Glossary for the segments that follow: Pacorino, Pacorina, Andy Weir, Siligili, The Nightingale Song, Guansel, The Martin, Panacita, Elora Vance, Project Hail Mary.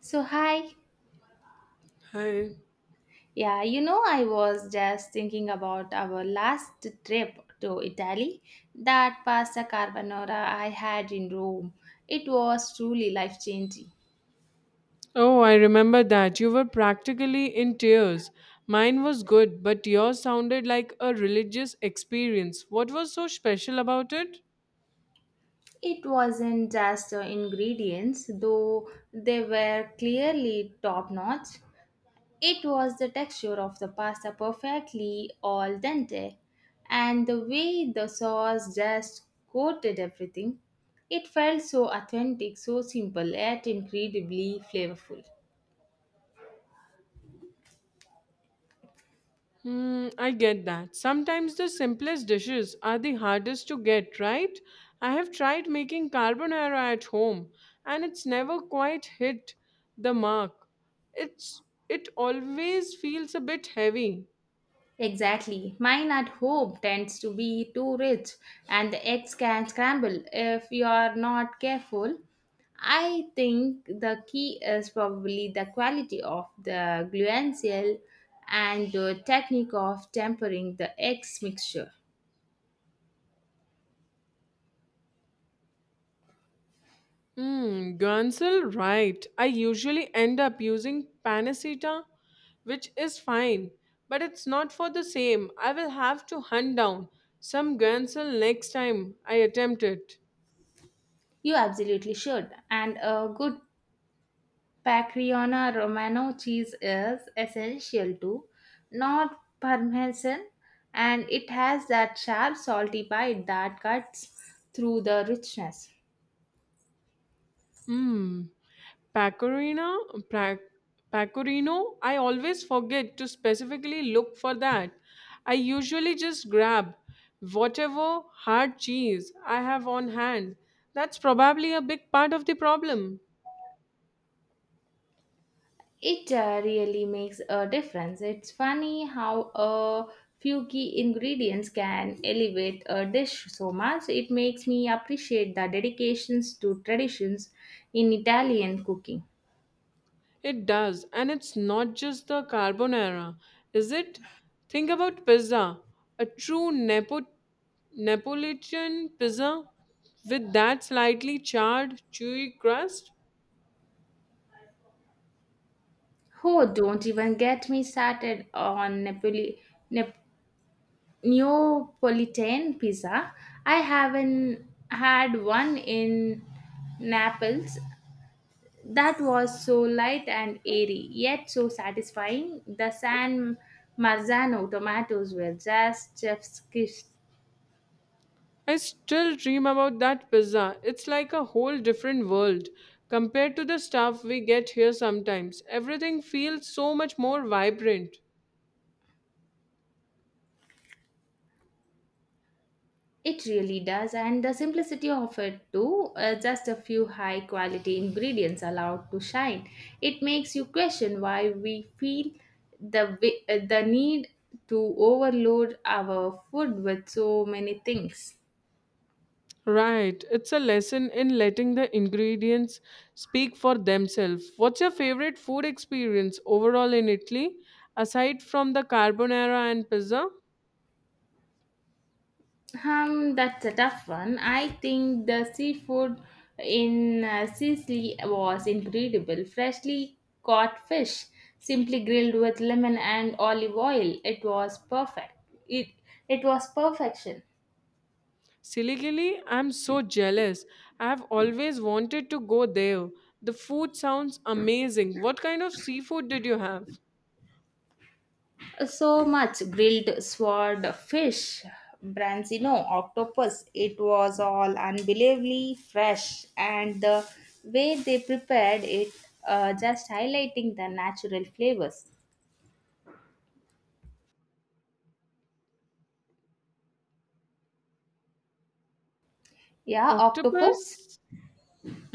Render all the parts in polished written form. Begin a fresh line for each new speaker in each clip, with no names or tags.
So, hi.
Hi.
Yeah, you know, I was just thinking about our last trip to Italy, that pasta carbonara I had in Rome. It was truly life changing.
Oh, I remember that. You were practically in tears. Mine was good, but yours sounded like a religious experience. What was so special about it?
It wasn't just the ingredients, though they were clearly top notch. It was the texture of the pasta, perfectly al dente, and the way the sauce just coated everything. It felt so authentic, so simple, yet incredibly flavorful.
Hmm, I get that. Sometimes the simplest dishes are the hardest to get, right? I have tried making carbonara at home, and it's never quite hit the mark. It's it always feels a bit heavy.
Exactly. Mine at home tends to be too rich and the eggs can scramble if you are not careful. I think the key is probably the quality of the gluensil and the technique of tempering the eggs mixture.
Mm, Guansel, right. I usually end up using Panacita, which is fine, but it's not for the same. I will have to hunt down some Guansel next time I attempt it.
You absolutely should. And a good Pacriona Romano cheese is essential too, not Parmesan, and it has that sharp, salty bite that cuts through the richness.
Hmm. Pacorina, pra- Pacorino, I always forget to specifically look for that. I usually just grab whatever hard cheese I have on hand. That's probably a big part of the problem.
It really makes a difference. It's funny how a few key ingredients can elevate a dish so much. It makes me appreciate the dedications to traditions in Italian cooking.
It does, and it's not just the carbonara, is it? Think about pizza. A true Neapolitan pizza with that slightly charred, chewy crust.
Oh, don't even get me started on Napoli. Nap- Neapolitan pizza. I haven't had one in Naples that was so light and airy, yet so satisfying. The San Marzano tomatoes were just chef's kiss.
I still dream about that pizza. It's like a whole different world compared to the stuff we get here sometimes. Everything feels so much more vibrant.
It really does, and the simplicity of it too, just a few high quality ingredients allowed to shine. It makes you question why we feel the need to overload our food with so many things.
Right. It's a lesson in letting the ingredients speak for themselves. What's your favorite food experience overall in Italy, aside from the carbonara and pizza?
That's a tough one. I think the seafood in Sicily was incredible. Freshly caught fish, simply grilled with lemon and olive oil. It was perfect. It it was perfection.
Siligili, I'm so jealous. I've always wanted to go there. The food sounds amazing. What kind of seafood did you have?
So much grilled sword fish, branzino, octopus. It was all unbelievably fresh, and the way they prepared it, just highlighting the natural flavors. Yeah, octopus.
Octopus?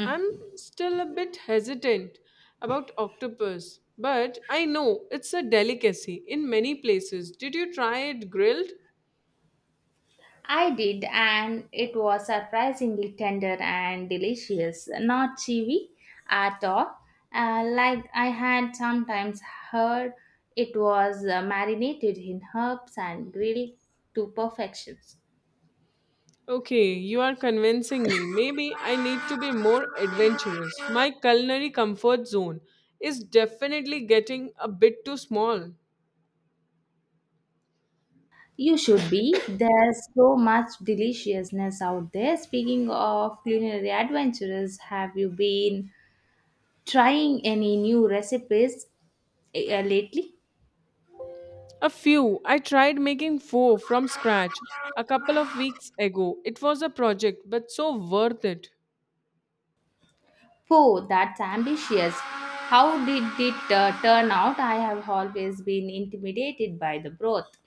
I'm still a bit hesitant about octopus, but I know it's a delicacy in many places. Did you try it grilled?
I did, and it was surprisingly tender and delicious, not chewy at all. Like I had sometimes heard, it was marinated in herbs and grilled to perfection.
Okay, you are convincing me. Maybe I need to be more adventurous. My culinary comfort zone is definitely getting a bit too small.
You should be. There's so much deliciousness out there. Speaking of culinary adventures, have you been trying any new recipes lately?
A few. I tried making four from scratch a couple of weeks ago. It was a project, but so worth it.
Oh, that's ambitious. How did it turn out? I have always been intimidated by the broth.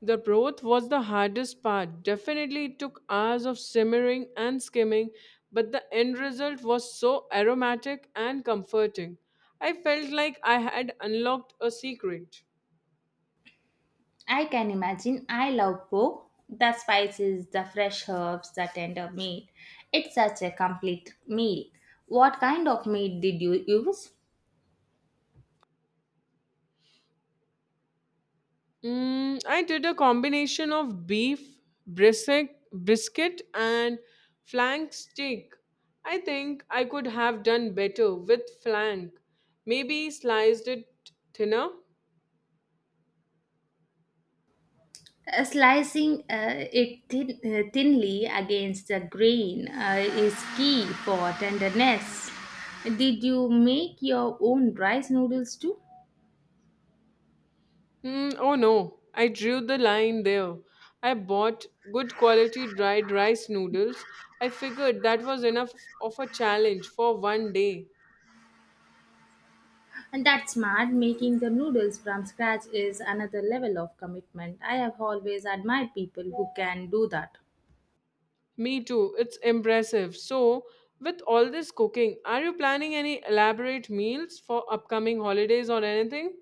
The broth was the hardest part. Definitely it took hours of simmering and skimming, but the end result was so aromatic and comforting. I felt like I had unlocked a secret.
I can imagine I love po. The spices, the fresh herbs, the tender meat. It's such a complete meal. What kind of meat did you use?
Mm, I did a combination of beef, brisket and flank steak. I think I could have done better with flank. Maybe sliced it thinner.
Slicing it thinly against the grain is key for tenderness. Did you make your own rice noodles too?
Mm, oh no, I drew the line there. I bought good quality dried rice noodles. I figured that was enough of a challenge for one day.
And that's smart. Making the noodles from scratch is another level of commitment. I have always admired people who can do that.
Me too, it's impressive. So, with all this cooking, are you planning any elaborate meals for upcoming holidays or anything?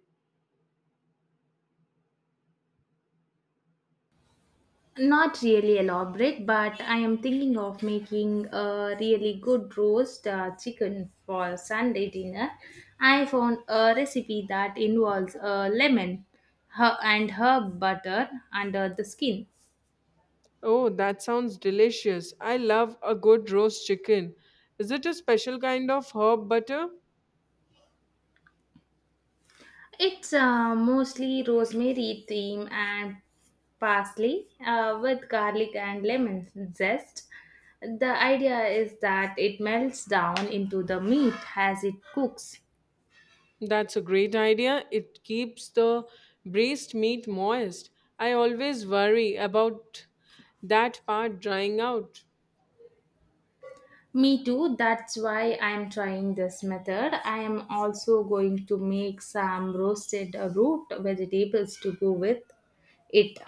Not really elaborate, but I am thinking of making a really good roast chicken for Sunday dinner. I found a recipe that involves a lemon and herb butter under the skin.
Oh, that sounds delicious. I love a good roast chicken. Is it a special kind of herb butter?
It's mostly rosemary, thyme, and parsley with garlic and lemon zest. The idea is that it melts down into the meat as it cooks.
That's a great idea. It keeps the braised meat moist. I always worry about that part drying out.
Me too, that's why I'm trying this method. I am also going to make some roasted root vegetables to go with it.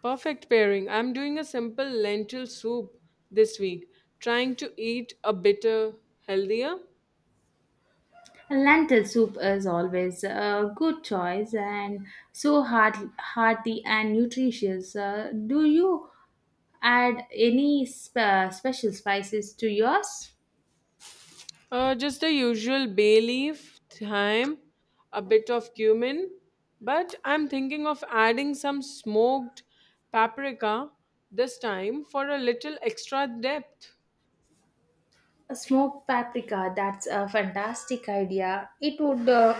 Perfect pairing. I'm doing a simple lentil soup this week, trying to eat a bitter healthier.
Lentil soup is always a good choice and so hearty and nutritious. Do you add any special spices to yours?
Just the usual bay leaf, thyme, a bit of cumin, but I'm thinking of adding some smoked paprika this time for a little extra depth.
Smoked paprika, that's a fantastic idea.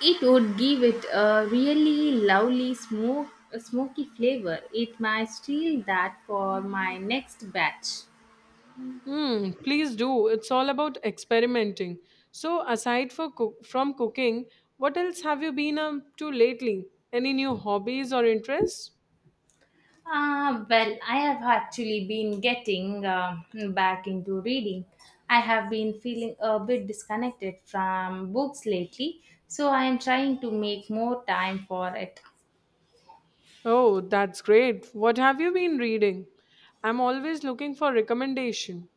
It would give it a really lovely smoky flavor. It might steal that for my next batch.
Hmm, please do. It's all about experimenting. So, aside for from cooking, what else have you been up to lately? Any new hobbies or interests?
Well, I have actually been getting back into reading. I have been feeling a bit disconnected from books lately, so I am trying to make more time for it.
Oh, that's great. What have you been reading? I'm always looking for recommendation.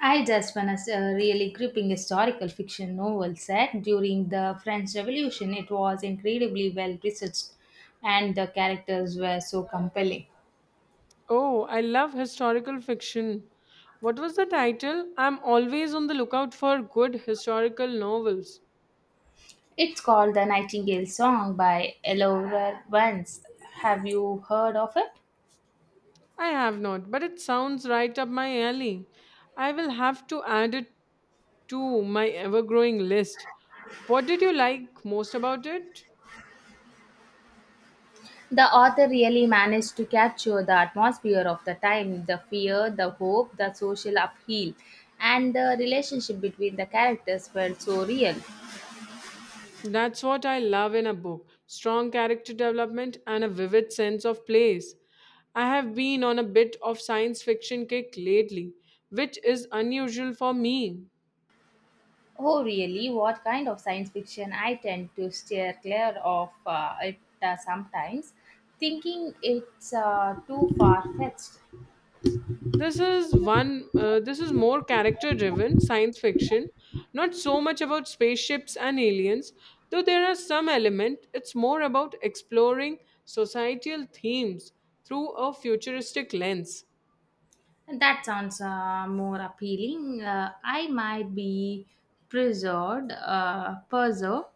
I just finished a really gripping historical fiction novel set during the French Revolution. It was incredibly well researched, and the characters were so compelling.
Oh, I love historical fiction. What was the title? I'm always on the lookout for good historical novels.
It's called The Nightingale Song by Elora Vance. Have you heard of it?
I have not, but it sounds right up my alley. I will have to add it to my ever growing list. What did you like most about it?
The author really managed to capture the atmosphere of the time, the fear, the hope, the social upheaval, and the relationship between the characters felt so real.
That's what I love in a book strong character development and a vivid sense of place. I have been on a bit of science fiction kick lately, which is unusual for me.
Oh, really? What kind of science fiction? I tend to steer clear of it sometimes, thinking it's too far fetched.
This is one. This is more character-driven science fiction, not so much about spaceships and aliens. Though there are some element, it's more about exploring societal themes through a futuristic lens.
That sounds more appealing. I might be preserved.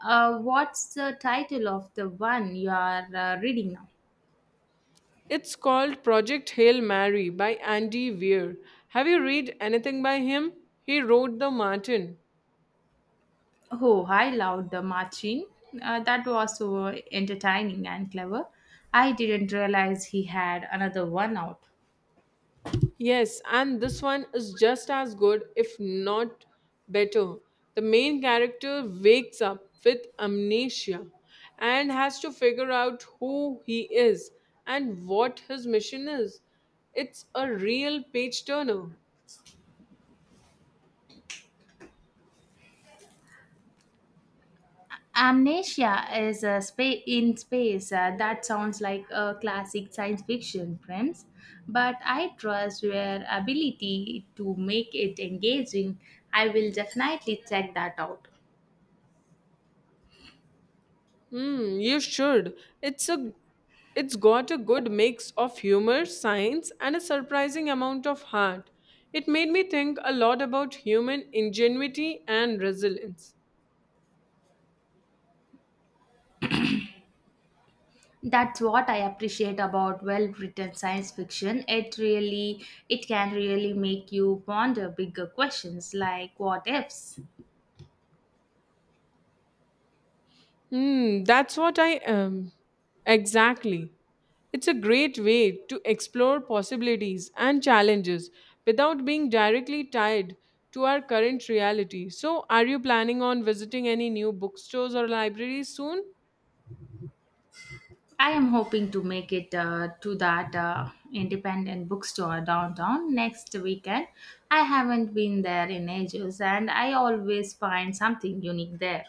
What's the title of the one you are reading now?
It's called Project Hail Mary by Andy Weir. Have you read anything by him? He wrote The Martin.
Oh, I loved the Martin. That was so entertaining and clever. I didn't realize he had another one out.
Yes, and this one is just as good, if not better. The main character wakes up with amnesia and has to figure out who he is and what his mission is. It's a real page turner.
Amnesia is a spa- In space. That sounds like a classic science fiction, friends. But I trust your ability to make it engaging. I will definitely check that out.
Hmm, you should. It's a it's got a good mix of humor, science, and a surprising amount of heart. It made me think a lot about human ingenuity and resilience.
That's what I appreciate about well-written science fiction. It can really make you ponder bigger questions, like what ifs.
Hmm, that's what I am. Exactly. It's a great way to explore possibilities and challenges without being directly tied to our current reality. So, are you planning on visiting any new bookstores or libraries soon?
I am hoping to make it to that independent bookstore downtown next weekend. I haven't been there in ages and I always find something unique there.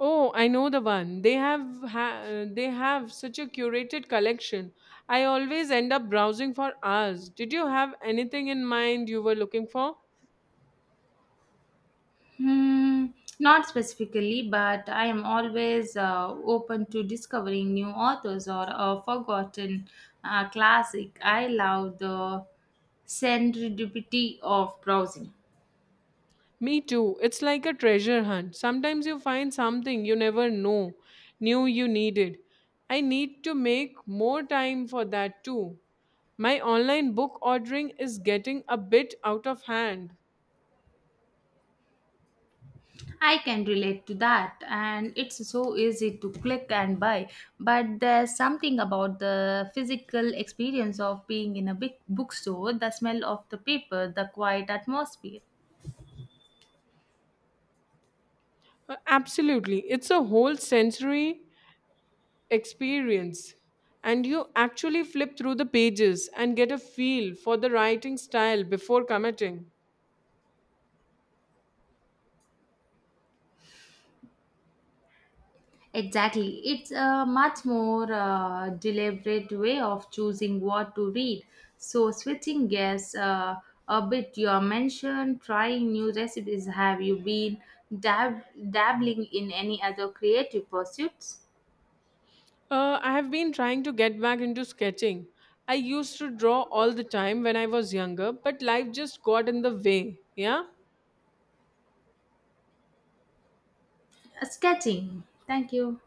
Oh, I know the one. They they have such a curated collection. I always end up browsing for hours. Did you have anything in mind you were looking for?
Hmm, not specifically, but I am always open to discovering new authors or a forgotten classic. I love the serendipity of browsing.
Me too. It's like a treasure hunt. Sometimes you find something you never know knew you needed. I need to make more time for that too. My online book ordering is getting a bit out of hand.
I can relate to that, and it's so easy to click and buy. But there's something about the physical experience of being in a big bookstore, the smell of the paper, the quiet atmosphere.
Absolutely. It's a whole sensory experience. And you actually flip through the pages and get a feel for the writing style before committing.
Exactly. It's a much more deliberate way of choosing what to read. So, switching gears a bit, you mentioned trying new recipes. Have you been dab- dabbling in any other creative pursuits?
I have been trying to get back into sketching. I used to draw all the time when I was younger, but life just got in the way. Yeah?
Sketching. Thank you.